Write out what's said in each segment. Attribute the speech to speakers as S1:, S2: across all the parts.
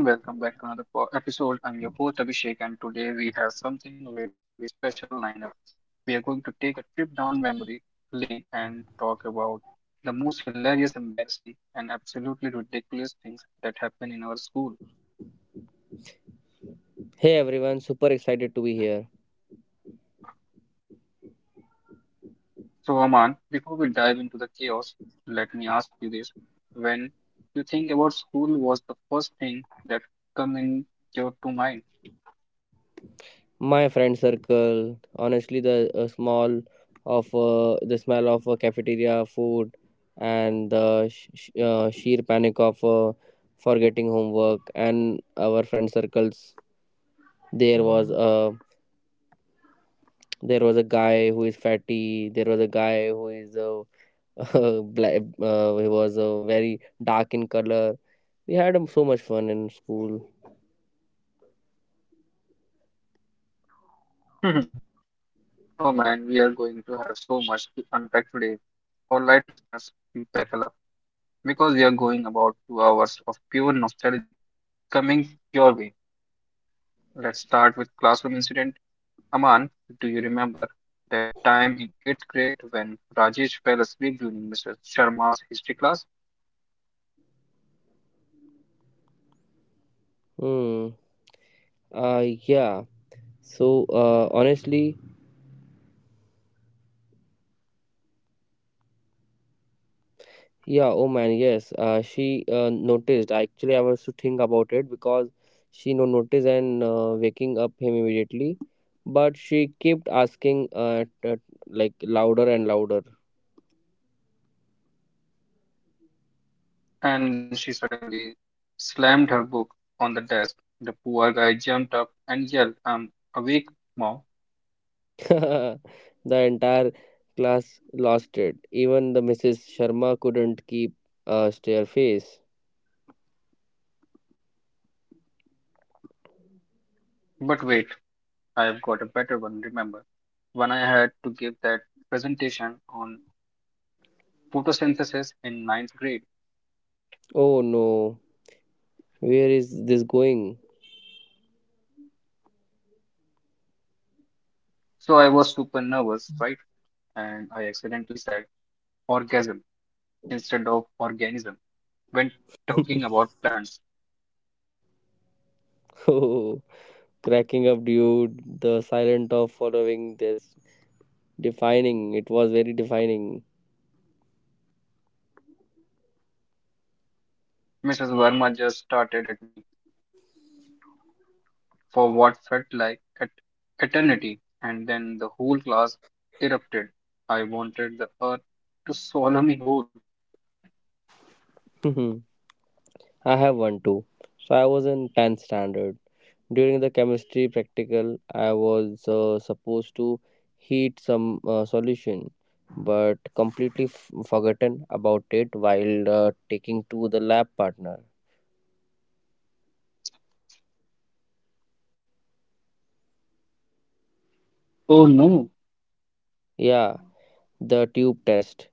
S1: Hey everyone, welcome back to episode. I'm your host Abhishek, and today we have something really special lined up. We are going to take a trip down memory lane and talk about the most hilarious, embarrassing, and absolutely ridiculous things that happen in our school.
S2: Hey everyone, super excited to be here.
S1: So, Aman, before we dive into the chaos, let me ask you this: when you think about school, was the first thing that come in your to mind?
S2: My friend circle, honestly, the smell of cafeteria food and the sheer panic of forgetting homework and our friend circles. There was a there was a guy who is fatty. There was a guy who is black. He was very dark in color. We had so much fun in school.
S1: Oh man, we are going to have so much to unpack today. All right, listeners, buckle up because we are going about 2 hours of pure nostalgic coming your way. Let's start with classroom incident. Aman, do you remember that time in eighth grade when Rajesh fell asleep during Mr. Sharma's history class?
S2: Hmm. Yeah. So, honestly. Yeah, oh man, yes. She noticed. Actually, I was to think about it because she no noticed and waking up him immediately. But she kept asking, like louder and louder.
S1: And then she suddenly slammed her book on the desk. The poor guy jumped up and yelled, "I'm awake, mom."
S2: The entire class lost it. Even the Mrs. Sharma couldn't keep a stare face.
S1: But wait, I have got a better one, remember. When I had to give that presentation on photosynthesis in ninth grade,
S2: Oh no, where is this going?
S1: so I was super nervous, right? And I accidentally said orgasm instead of organism when talking about plants.
S2: Oh, cracking up, dude. The silent of following this defining. It was very defining.
S1: Mrs. Verma just started at me for what felt like eternity, and then the whole class erupted. I wanted the earth to swallow me whole.
S2: Hmm. I have one too. So I was in 10th standard. During the chemistry practical, I was supposed to heat some solution, but completely forgotten about it while taking to the lab partner.
S1: Oh no!
S2: Yeah, the tube test,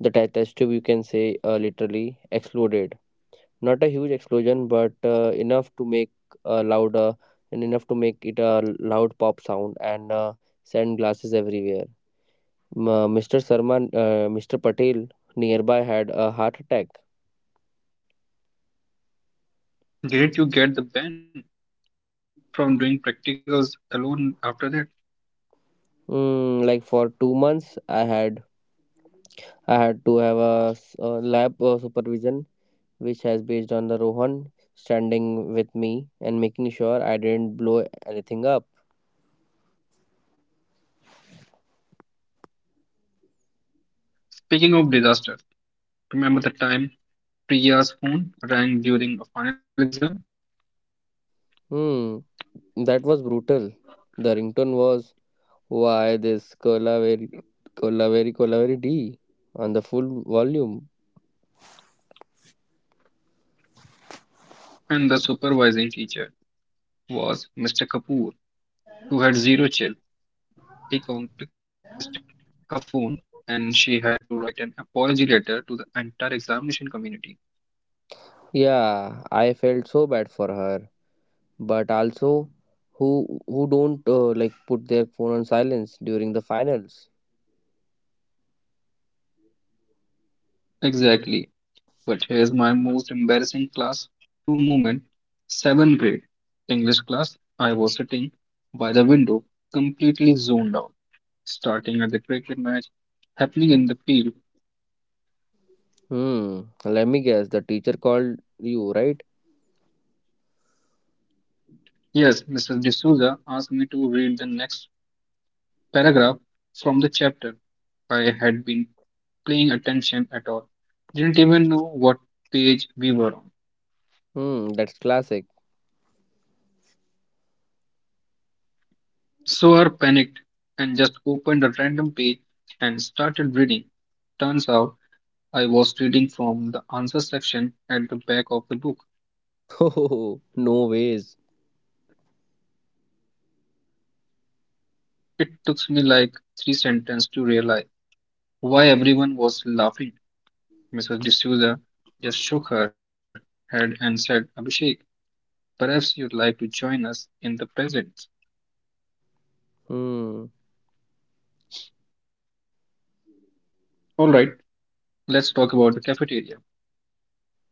S2: the test tube you can say literally exploded. Not a huge explosion, but enough to make a louder and enough to make it a loud pop sound and send glasses everywhere. Ma Mr. Sarma, Mr. Patel nearby had a heart attack.
S1: Didn't you get the ban from doing practicals alone after that?
S2: Mm, like for 2 months, I had to have a lab supervision, which has based on the Rohan standing with me and making sure I didn't blow anything up.
S1: Speaking of disaster, remember the time Priya's phone rang during a final exam?
S2: Hmm, that was brutal. The ringtone was why this Colaveri Colaveri Colaveri D on the full volume.
S1: And the supervising teacher was Mr. Kapoor, who had zero chill. He confiscated her phone and she had to write an apology letter to the entire examination community.
S2: Yeah, I felt so bad for her, but also who don't like put their phone on silence during the finals.
S1: Exactly. But here's my most embarrassing class two moment, seventh grade. English class, I was sitting by the window, completely zoned out, starting at the cricket match happening in the field.
S2: Hmm. Let me guess. The teacher called you, right?
S1: Yes, Mrs. D'Souza asked me to read the next paragraph from the chapter. I had been paying attention at all, didn't even know what page we were on.
S2: Hmm. That's classic.
S1: So I panicked and just opened a random page and started reading. Turns out I was reading from the answer section at the back of the book.
S2: Oh, no ways.
S1: It took me like three sentences to realize why everyone was laughing. Mrs. D'Souza just shook her head and said, "Abhishek, perhaps you'd like to join us in the present."
S2: Hmm.
S1: All right, let's talk about the cafeteria.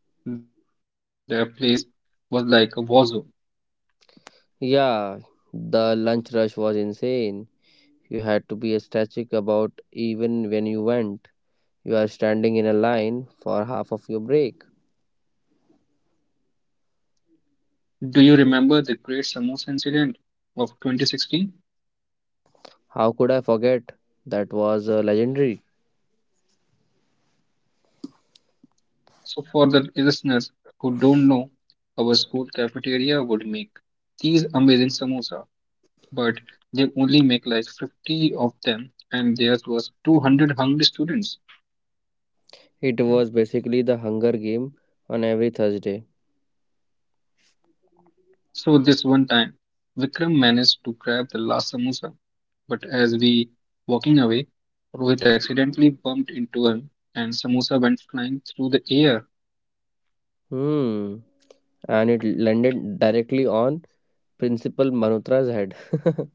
S1: The place was like a war zone.
S2: Yeah. The lunch rush was insane. You had to be ecstatic about even when you went. You are standing in a line for half of your break.
S1: Do you remember the Great Samosa Incident of 2016?
S2: How could I forget? That was legendary.
S1: So, for the listeners who don't know, our school cafeteria would make these amazing samosa, but they only make like 50 of them, and there was 200 hungry students.
S2: It was basically the Hunger Game on every Thursday.
S1: So, this one time, Vikram managed to grab the last samosa, but as we walking away, Rohit accidentally bumped into him, and samosa went flying through the air.
S2: Hmm. And it landed directly on Principal Malhotra's head.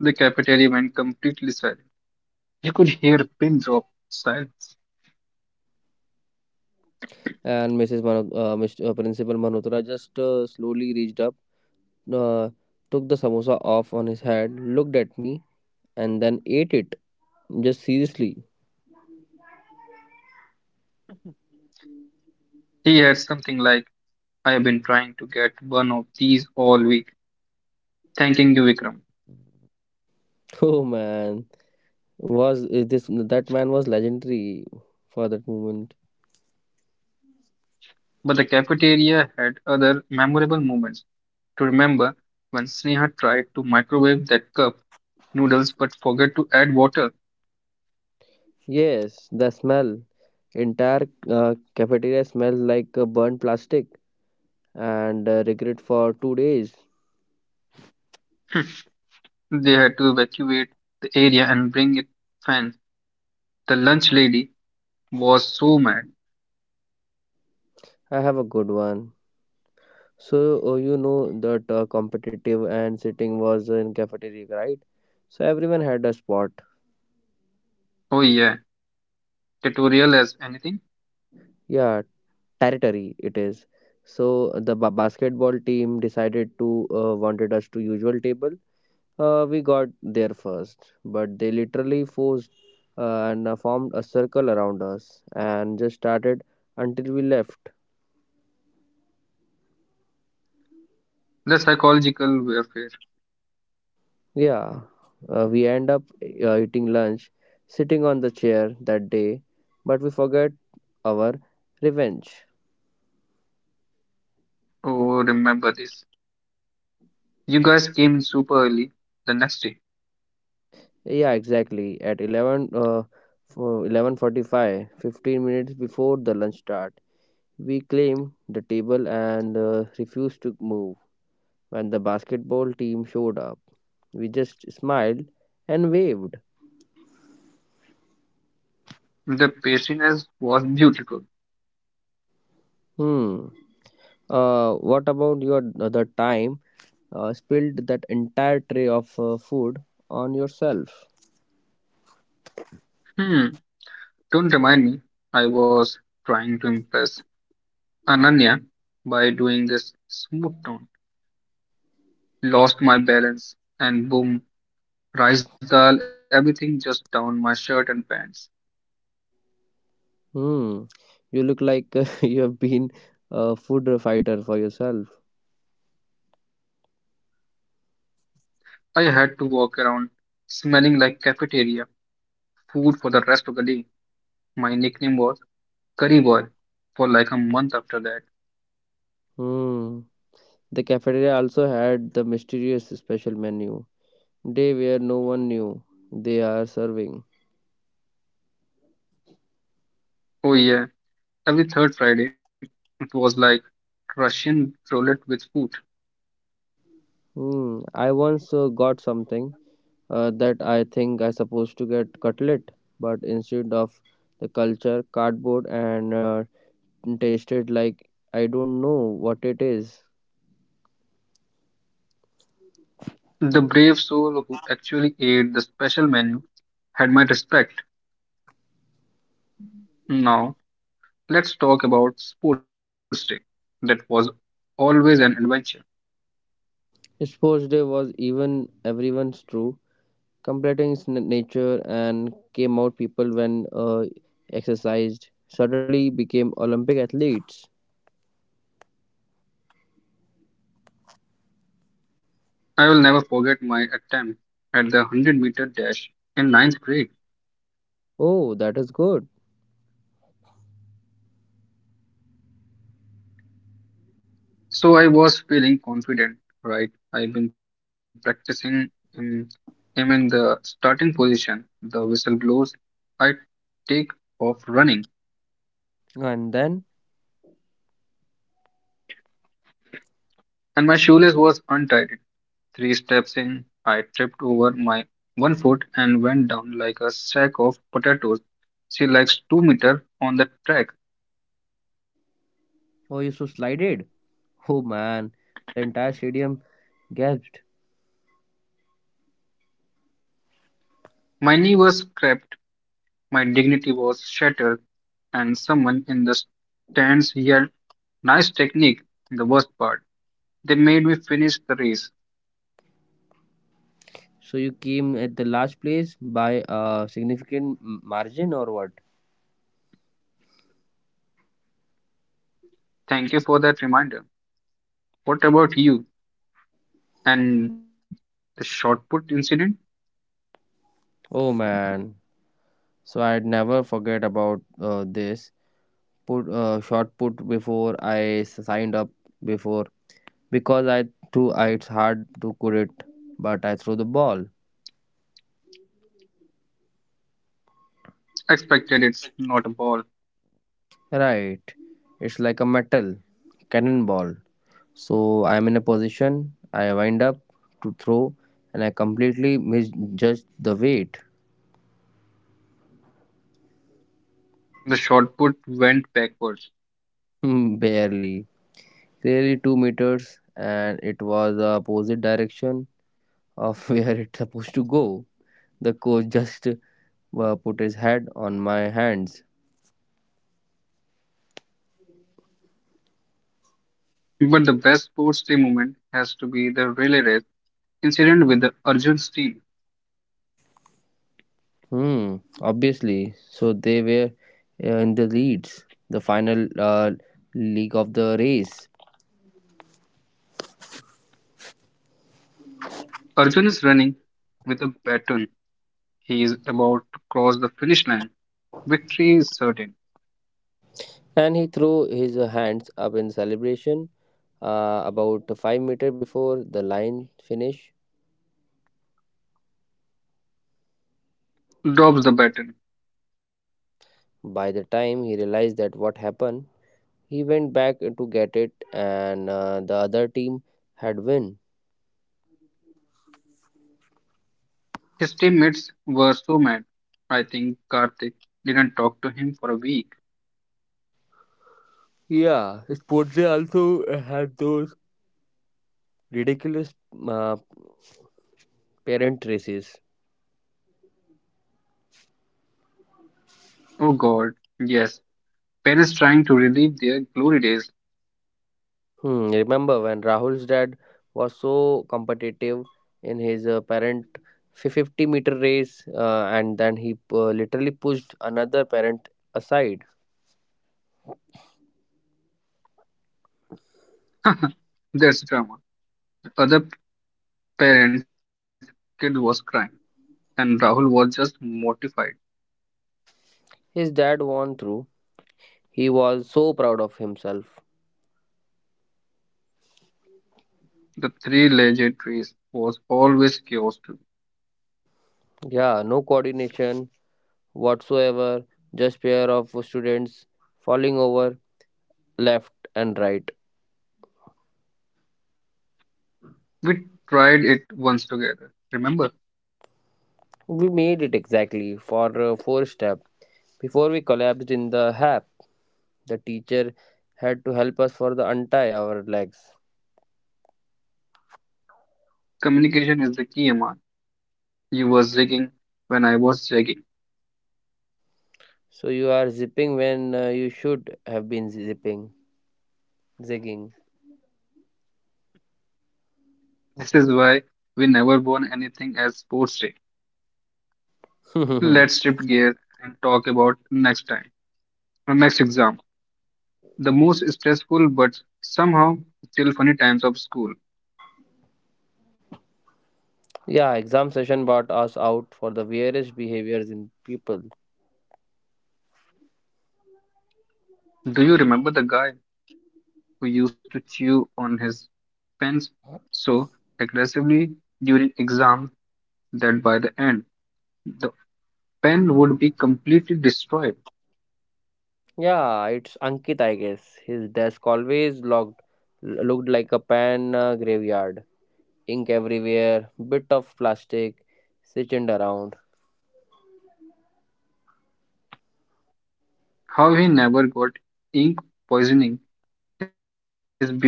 S1: The cafeteria went completely you could hear a pin drop silence.
S2: And Mrs. Mr. Principal Malhotra just slowly reached up, uh, took the samosa off on his head, looked at me, and then ate it. Just seriously.
S1: He had something like, "I have been trying to get one of these all week. Thanking you, Vikram."
S2: Oh man, was is this that man was legendary for that moment.
S1: But the cafeteria had other memorable moments to remember when Sneha tried to microwave that cup noodles but forgot to add water.
S2: Yes, the smell. Entire cafeteria smells like burnt plastic and regret for 2 days.
S1: They had to evacuate the area and bring it fans. The lunch lady was so mad.
S2: I have a good one. So, you know that competitive and sitting was in cafeteria, right? So everyone had a spot.
S1: Oh yeah, tutorial as anything.
S2: Yeah, territory it is. So the basketball team decided to wanted us to usual table. We got there first, but they literally forced, and formed a circle around us and just started until we left.
S1: The psychological warfare.
S2: Yeah, we end up eating lunch, sitting on the chair that day, but we forget our revenge.
S1: Oh, remember this. You guys came in super early the next day.
S2: Yeah, exactly. At 11, for 11:45, 15 minutes before the lunch start, we claim the table and refuse to move. When the basketball team showed up, we just smiled and waved.
S1: The pastriness was beautiful.
S2: Hmm. What about your the time spilled that entire tray of food on yourself.
S1: Hmm, don't remind me. I was trying to impress Ananya by doing this smooth tone. Lost my balance and boom, rice dal, everything just down my shirt and pants.
S2: Hmm. You look like, you have been a food fighter for yourself.
S1: I had to walk around smelling like cafeteria food for the rest of the day. My nickname was Curry Boy for like a month after that.
S2: Hmm. The cafeteria also had the mysterious special menu. Day where no one knew they are serving.
S1: Oh yeah, every third Friday, it was like Russian roulette with food.
S2: Hmm. I once got something that I think I supposed to get cutlet, but instead of the culture cardboard and tasted like I don't know what it is.
S1: The brave soul who actually ate the special menu had my respect. Now, let's talk about sports day. That was always an adventure.
S2: Sports Day was even everyone's true, completing its nature and came out people when exercised suddenly became Olympic athletes.
S1: I will never forget my attempt at the 100-meter dash in ninth grade.
S2: Oh, that is good.
S1: So I was feeling confident, right? I've been practicing in, I'm in the starting position. The whistle blows. I take off running.
S2: And then,
S1: And my shoelace was untied. Three steps in, I tripped over my 1 foot and went down like a sack of potatoes. She likes 2 meter on the track.
S2: oh, you so slided. Oh man, the entire stadium gasped.
S1: My knee was scraped, my dignity was shattered, and someone in the stands yelled, "Nice technique!" The worst part, they made me finish the race.
S2: So you came at the last place by a significant margin or what?
S1: Thank you for that reminder. What about you and the shot put incident?
S2: Oh man. So I'd never forget about this put shot put before I signed up before. Because I too I, it's hard to quit, but I throw the ball.
S1: Expected it's not a ball.
S2: Right. It's like a metal cannonball. So I'm in a position, I wind up to throw, and I completely misjudged the weight.
S1: The shot put went backwards.
S2: Barely. Clearly 2 meters, and it was the opposite direction of where it's supposed to go. The coach just put his head on my hands.
S1: But the best sports day moment has to be the relay race incident with the Arjun's team.
S2: Hmm, obviously. So they were in the leads, the final league of the race.
S1: Arjun is running with a baton. He is about to cross the finish line. Victory is certain.
S2: And he threw his hands up in celebration, about 5 meter before the line finish.
S1: Drops the baton.
S2: By the time he realized that what happened, he went back to get it and, the other team had win.
S1: His teammates were so mad. I think Karthik didn't talk to him for a week.
S2: Yeah, sports day also had those ridiculous, uh, parent races.
S1: Oh god, yes. Parents trying to relive their glory days.
S2: Hmm, remember when Rahul's dad was so competitive in his parent 50-meter race, and then he literally pushed another parent aside.
S1: That's drama. The other parent's kid was crying, and Rahul was just mortified.
S2: His dad won through. He was so proud of himself.
S1: The Three legged trees was always chaos too.
S2: Yeah, no coordination whatsoever, just pair of students falling over left and right.
S1: We tried it once together. Remember,
S2: We made it exactly for four step before we collapsed in the hap. The teacher had to help us for the untie our legs.
S1: communication is the key, Aman. You were zigging when I was zagging.
S2: So you are zipping when, you should have been zipping, zigging.
S1: This is why we never won anything as sports day. Let's shift gears and talk about next time. Our next exam. The most stressful but somehow still funny times of school.
S2: Yeah, exam session brought us out for the weirdest behaviors in people.
S1: Do you remember the guy who used to chew on his pens so aggressively during exam that by the end, the pen would be completely destroyed.
S2: Yeah, it's Ankit, I guess. His desk always looked like a pan graveyard. Ink everywhere, bit of plastic, sitting around.
S1: How he never got ink poisoning is beyond me.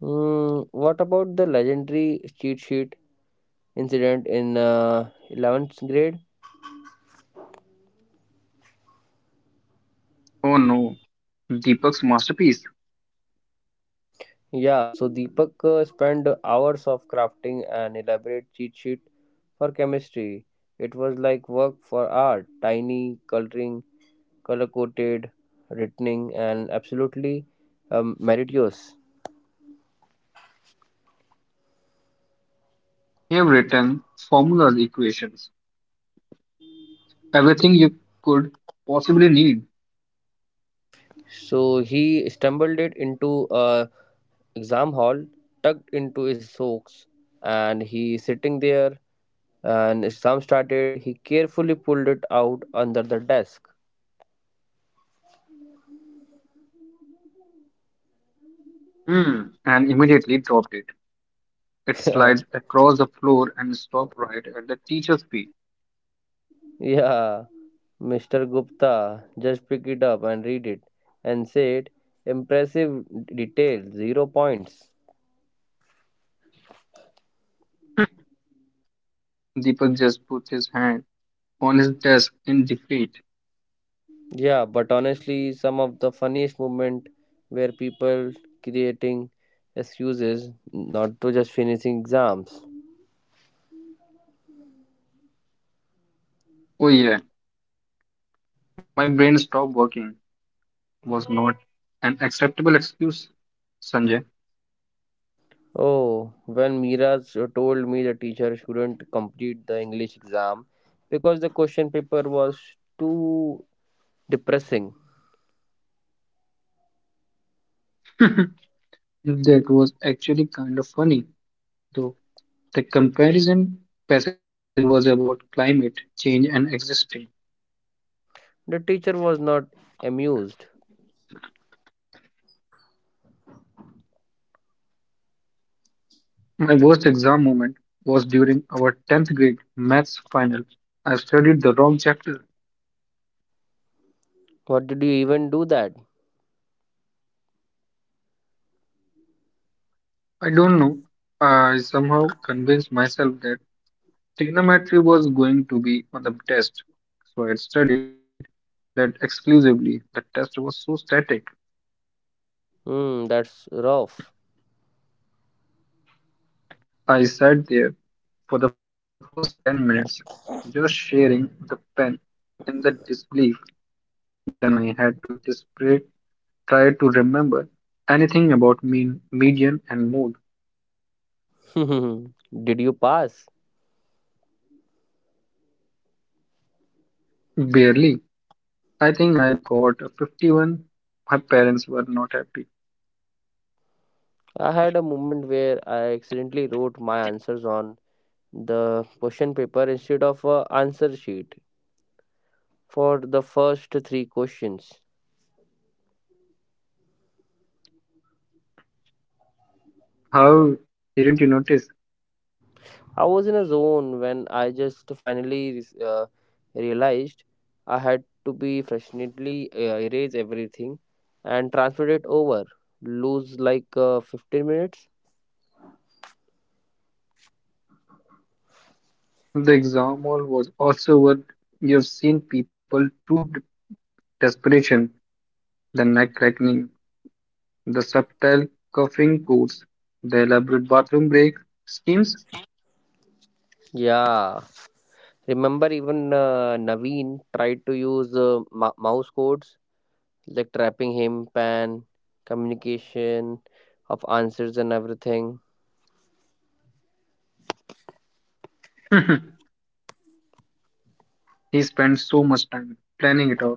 S2: Hmm, what about the legendary cheat sheet incident in, 11th grade?
S1: Oh no, Deepak's masterpiece.
S2: Yeah, so Deepak spent hours of crafting an elaborate cheat sheet for chemistry. It was like work for art, tiny, coloring, color coded, written, and absolutely, meritorious.
S1: He have written formulas, equations, everything you could possibly need.
S2: So he stumbled it into a exam hall, tucked into his socks, and he sitting there. And exam started. He carefully pulled it out under the desk.
S1: Hmm, and immediately dropped it. It slides across the floor and stopped right at the teacher's feet.
S2: Yeah, Mr. Gupta just pick it up and read it and said, impressive detail, 0 points.
S1: Deepak just put his hand on his desk in defeat.
S2: Yeah, but honestly, some of the funniest moment were people creating excuses not to just finishing exams.
S1: Oh yeah, "my brain stopped working" was not an acceptable excuse, Sanjay.
S2: Oh, when Miraj told me the teacher shouldn't complete the English exam because the question paper was too depressing.
S1: That was actually kind of funny, though. The comparison passage was about climate change and existing.
S2: The teacher was not amused.
S1: My worst exam moment was during our 10th grade maths final. I studied the wrong chapter.
S2: What did you even do that?
S1: I don't know. I somehow convinced myself that trigonometry was going to be on the test. So I studied that exclusively. The test was so static.
S2: Hmm, that's rough.
S1: I sat there for the first 10 minutes, just sharing the pen in the disbelief. Then I had to desperately try to remember anything about mean, median and mode.
S2: Did you pass?
S1: Barely. I think I got a 51. My parents were not happy.
S2: I had a moment where I accidentally wrote my answers on the question paper instead of a answer sheet for the first three questions.
S1: How didn't you notice?
S2: I was in a zone when I just finally realized I had to be frustratingly erase everything and transfer it over. Lose like, 15 minutes.
S1: The exam hall was also what you've seen people through desperation, the neck cracking, the subtle coughing codes, the elaborate bathroom break schemes.
S2: Yeah, remember, even Naveen tried to use mouse codes like trapping him, pan, communication of answers and everything.
S1: He spent so much time planning it out,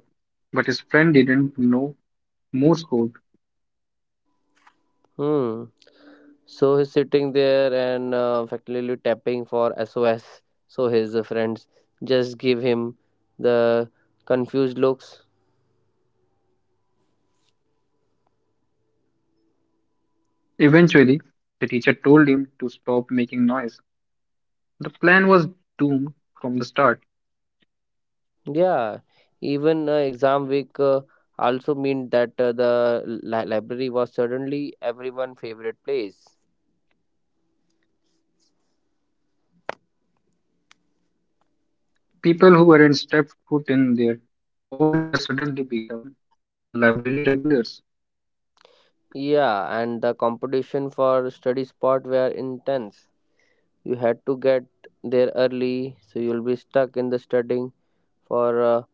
S1: but his friend didn't know Morse code.
S2: Hmm. So he's sitting there and, effectively tapping for SOS. So his friends just give him the confused looks.
S1: Eventually, the teacher told him to stop making noise. The plan was doomed from the start.
S2: Yeah, even exam week also meant that the library was suddenly everyone' favorite place.
S1: People who hadn't stepped foot in there all year suddenly become library regulars.
S2: Yeah, and the competition for study spot were intense. You had to get there early, so you'll be stuck in the studying for a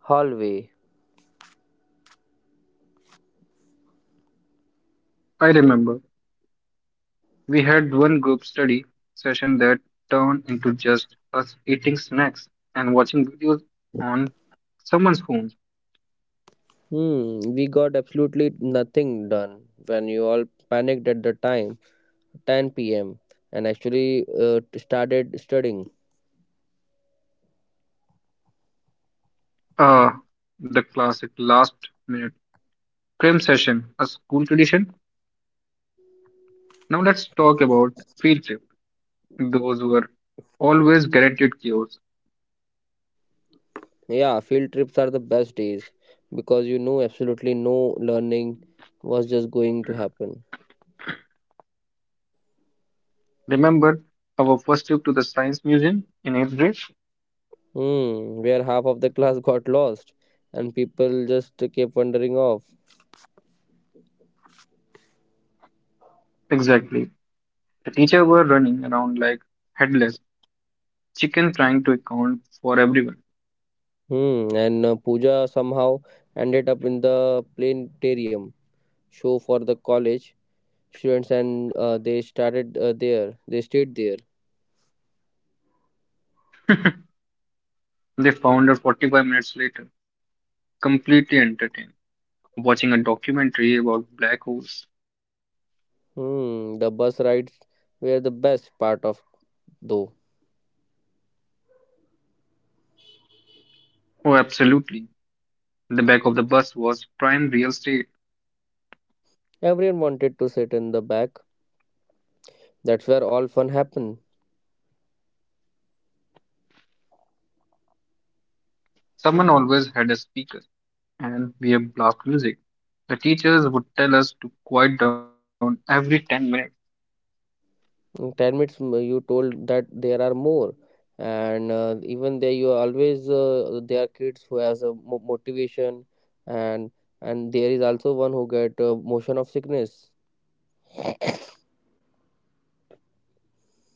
S2: hallway.
S1: I remember we had one group study session that turned into just us eating snacks and watching videos on someone's phone.
S2: Hmm, we got absolutely nothing done when you all panicked at the time, 10 p.m., and actually, started studying.
S1: Ah, the classic last minute cram session, a school tradition. Now let's talk about field trip. Those were always guaranteed cures.
S2: Yeah, field trips are the best days because you know absolutely no learning was just going to happen.
S1: Remember our first trip to the science museum in eighth grade?
S2: Hmm, where half of the class got lost and people just kept wandering off.
S1: Exactly. The teacher were running around like headless chicken trying to account for everyone.
S2: Hmm, and Pooja somehow ended up in the planetarium show for the college students and they started there. They stayed there.
S1: They found her 45 minutes later, completely entertained, watching a documentary about black holes.
S2: Hmm, the bus rides were the best part of though.
S1: Oh, absolutely. The back of the bus was prime real estate.
S2: Everyone wanted to sit in the back. That's where all fun happened.
S1: Someone always had a speaker and we have blast music. The teachers would tell us to quiet down every 10 minutes.
S2: In 10 minutes, you told that there are more. And even there, you always, there are kids who has a motivation, and and there is also one who get motion of sickness.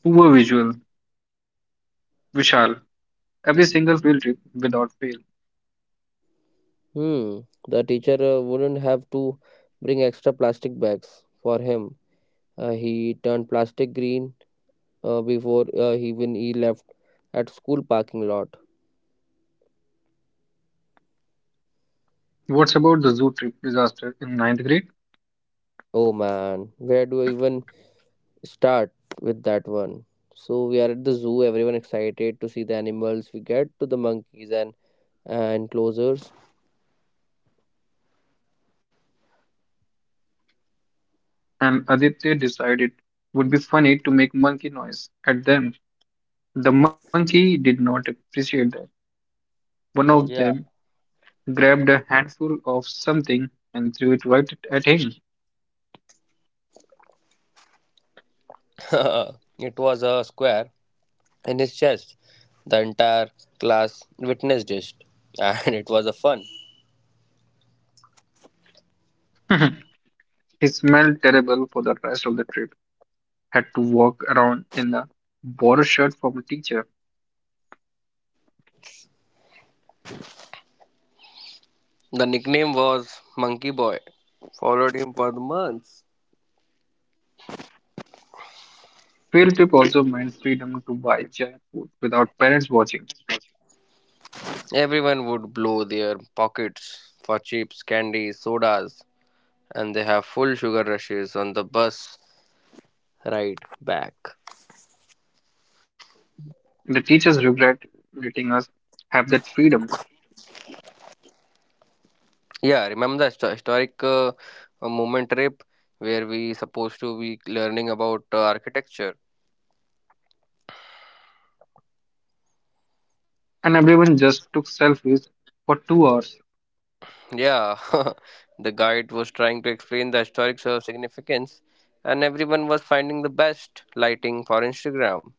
S1: Poor visual, Vishal, every single field trip without fail.
S2: Hmm. The teacher wouldn't have to bring extra plastic bags for him. He turned plastic green, before even he left at school parking lot.
S1: What's about the zoo trip disaster in ninth grade?
S2: Oh man, where do I even start with that one. So we are at the zoo. Everyone excited to see the animals. We get to the monkeys and enclosures.
S1: And Aditya decided would be funny to make monkey noise at them. The monkey did not appreciate that. One of
S2: Yeah,
S1: them grabbed a handful of something and threw it right at him.
S2: it was a square in his chest. The entire class witnessed it, and it was a fun.
S1: He smelled terrible for the rest of the trip. Had to walk around in a borrowed shirt from a teacher.
S2: The nickname was Monkey Boy. Followed him for the months.
S1: Field trip also meant freedom to buy junk food without parents watching.
S2: Everyone would blow their pockets for chips, candies, sodas, and they have full sugar rushes on the bus ride back.
S1: The teachers regret letting us have that freedom,
S2: Yeah, remember the historic moment trip where we supposed to be learning about architecture.
S1: and everyone just took selfies for 2 hours.
S2: Yeah, the guide was trying to explain the historic, significance, and everyone was finding the best lighting for Instagram.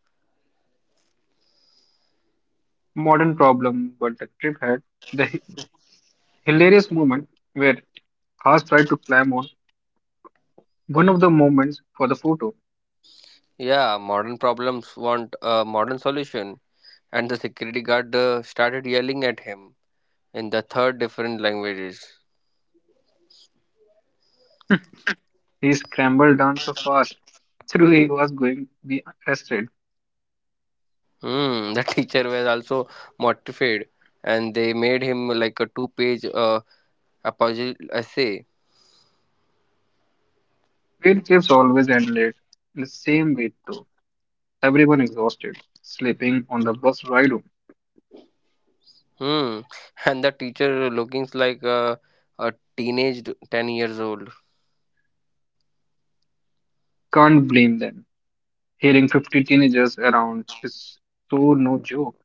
S1: Modern problem, but the trip had the hilarious moment where Haas tried to climb on one of the moments for the photo.
S2: Yeah, modern problems want a modern solution, and the security guard started yelling at him in the third different languages.
S1: He scrambled down so fast, through he was going to be arrested.
S2: Hmm, the teacher was also mortified, and they made him like a two-page, a puzzle essay.
S1: Field trips always end late. In the same way, though, everyone exhausted, sleeping on the bus ride home.
S2: Hmm. And the teacher looking like a teenage 10 years old.
S1: Can't blame them. Hearing 50 teenagers around is so no joke.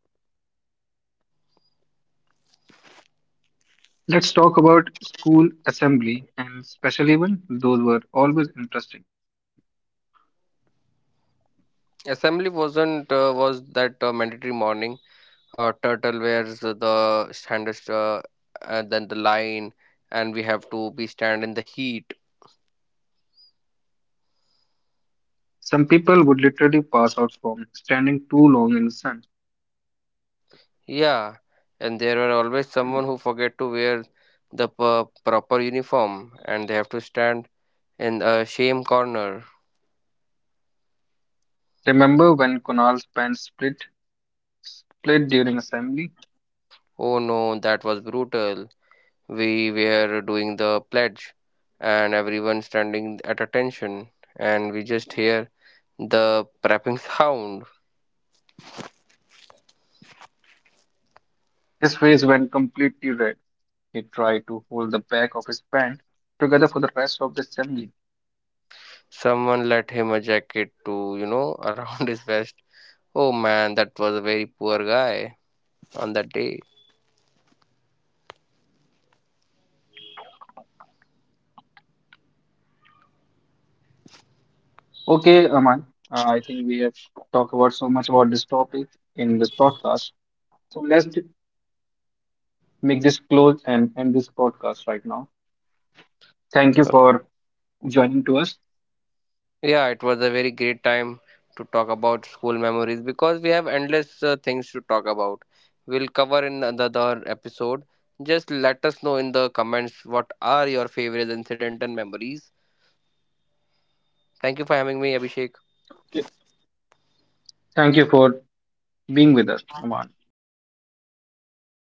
S1: Let's talk about school assembly and special event. Those were always interesting.
S2: Assembly wasn't, was that, mandatory morning. Turtle wears the standard, and then the line, and we have to be stand in the heat.
S1: Some people would literally pass out from standing too long in the sun.
S2: Yeah, and there are always someone who forget to wear the proper uniform, and they have to stand in a shame corner.
S1: Remember when Kunal's pants split during assembly?
S2: Oh no, that was brutal. We were doing the pledge and everyone standing at attention, and we just hear the prepping sound.
S1: His face went completely red. He tried to hold the back of his pant together for the rest of the assembly.
S2: Someone let him a jacket to, around his vest. Oh man, that was a very poor guy on that day.
S1: Okay, Aman, I think we have talked about so much about this topic in this podcast. So let's make this close and end this podcast right now. Thank you for joining to us.
S2: Yeah, it was a very great time to talk about school memories because we have endless, things to talk about. We'll cover in another episode. Just let us know in the comments what are your favorite incident and memories. Thank you for having me, Abhishek.
S1: Thank you for being with us, Aman.
S2: Yeah, buddy. See you.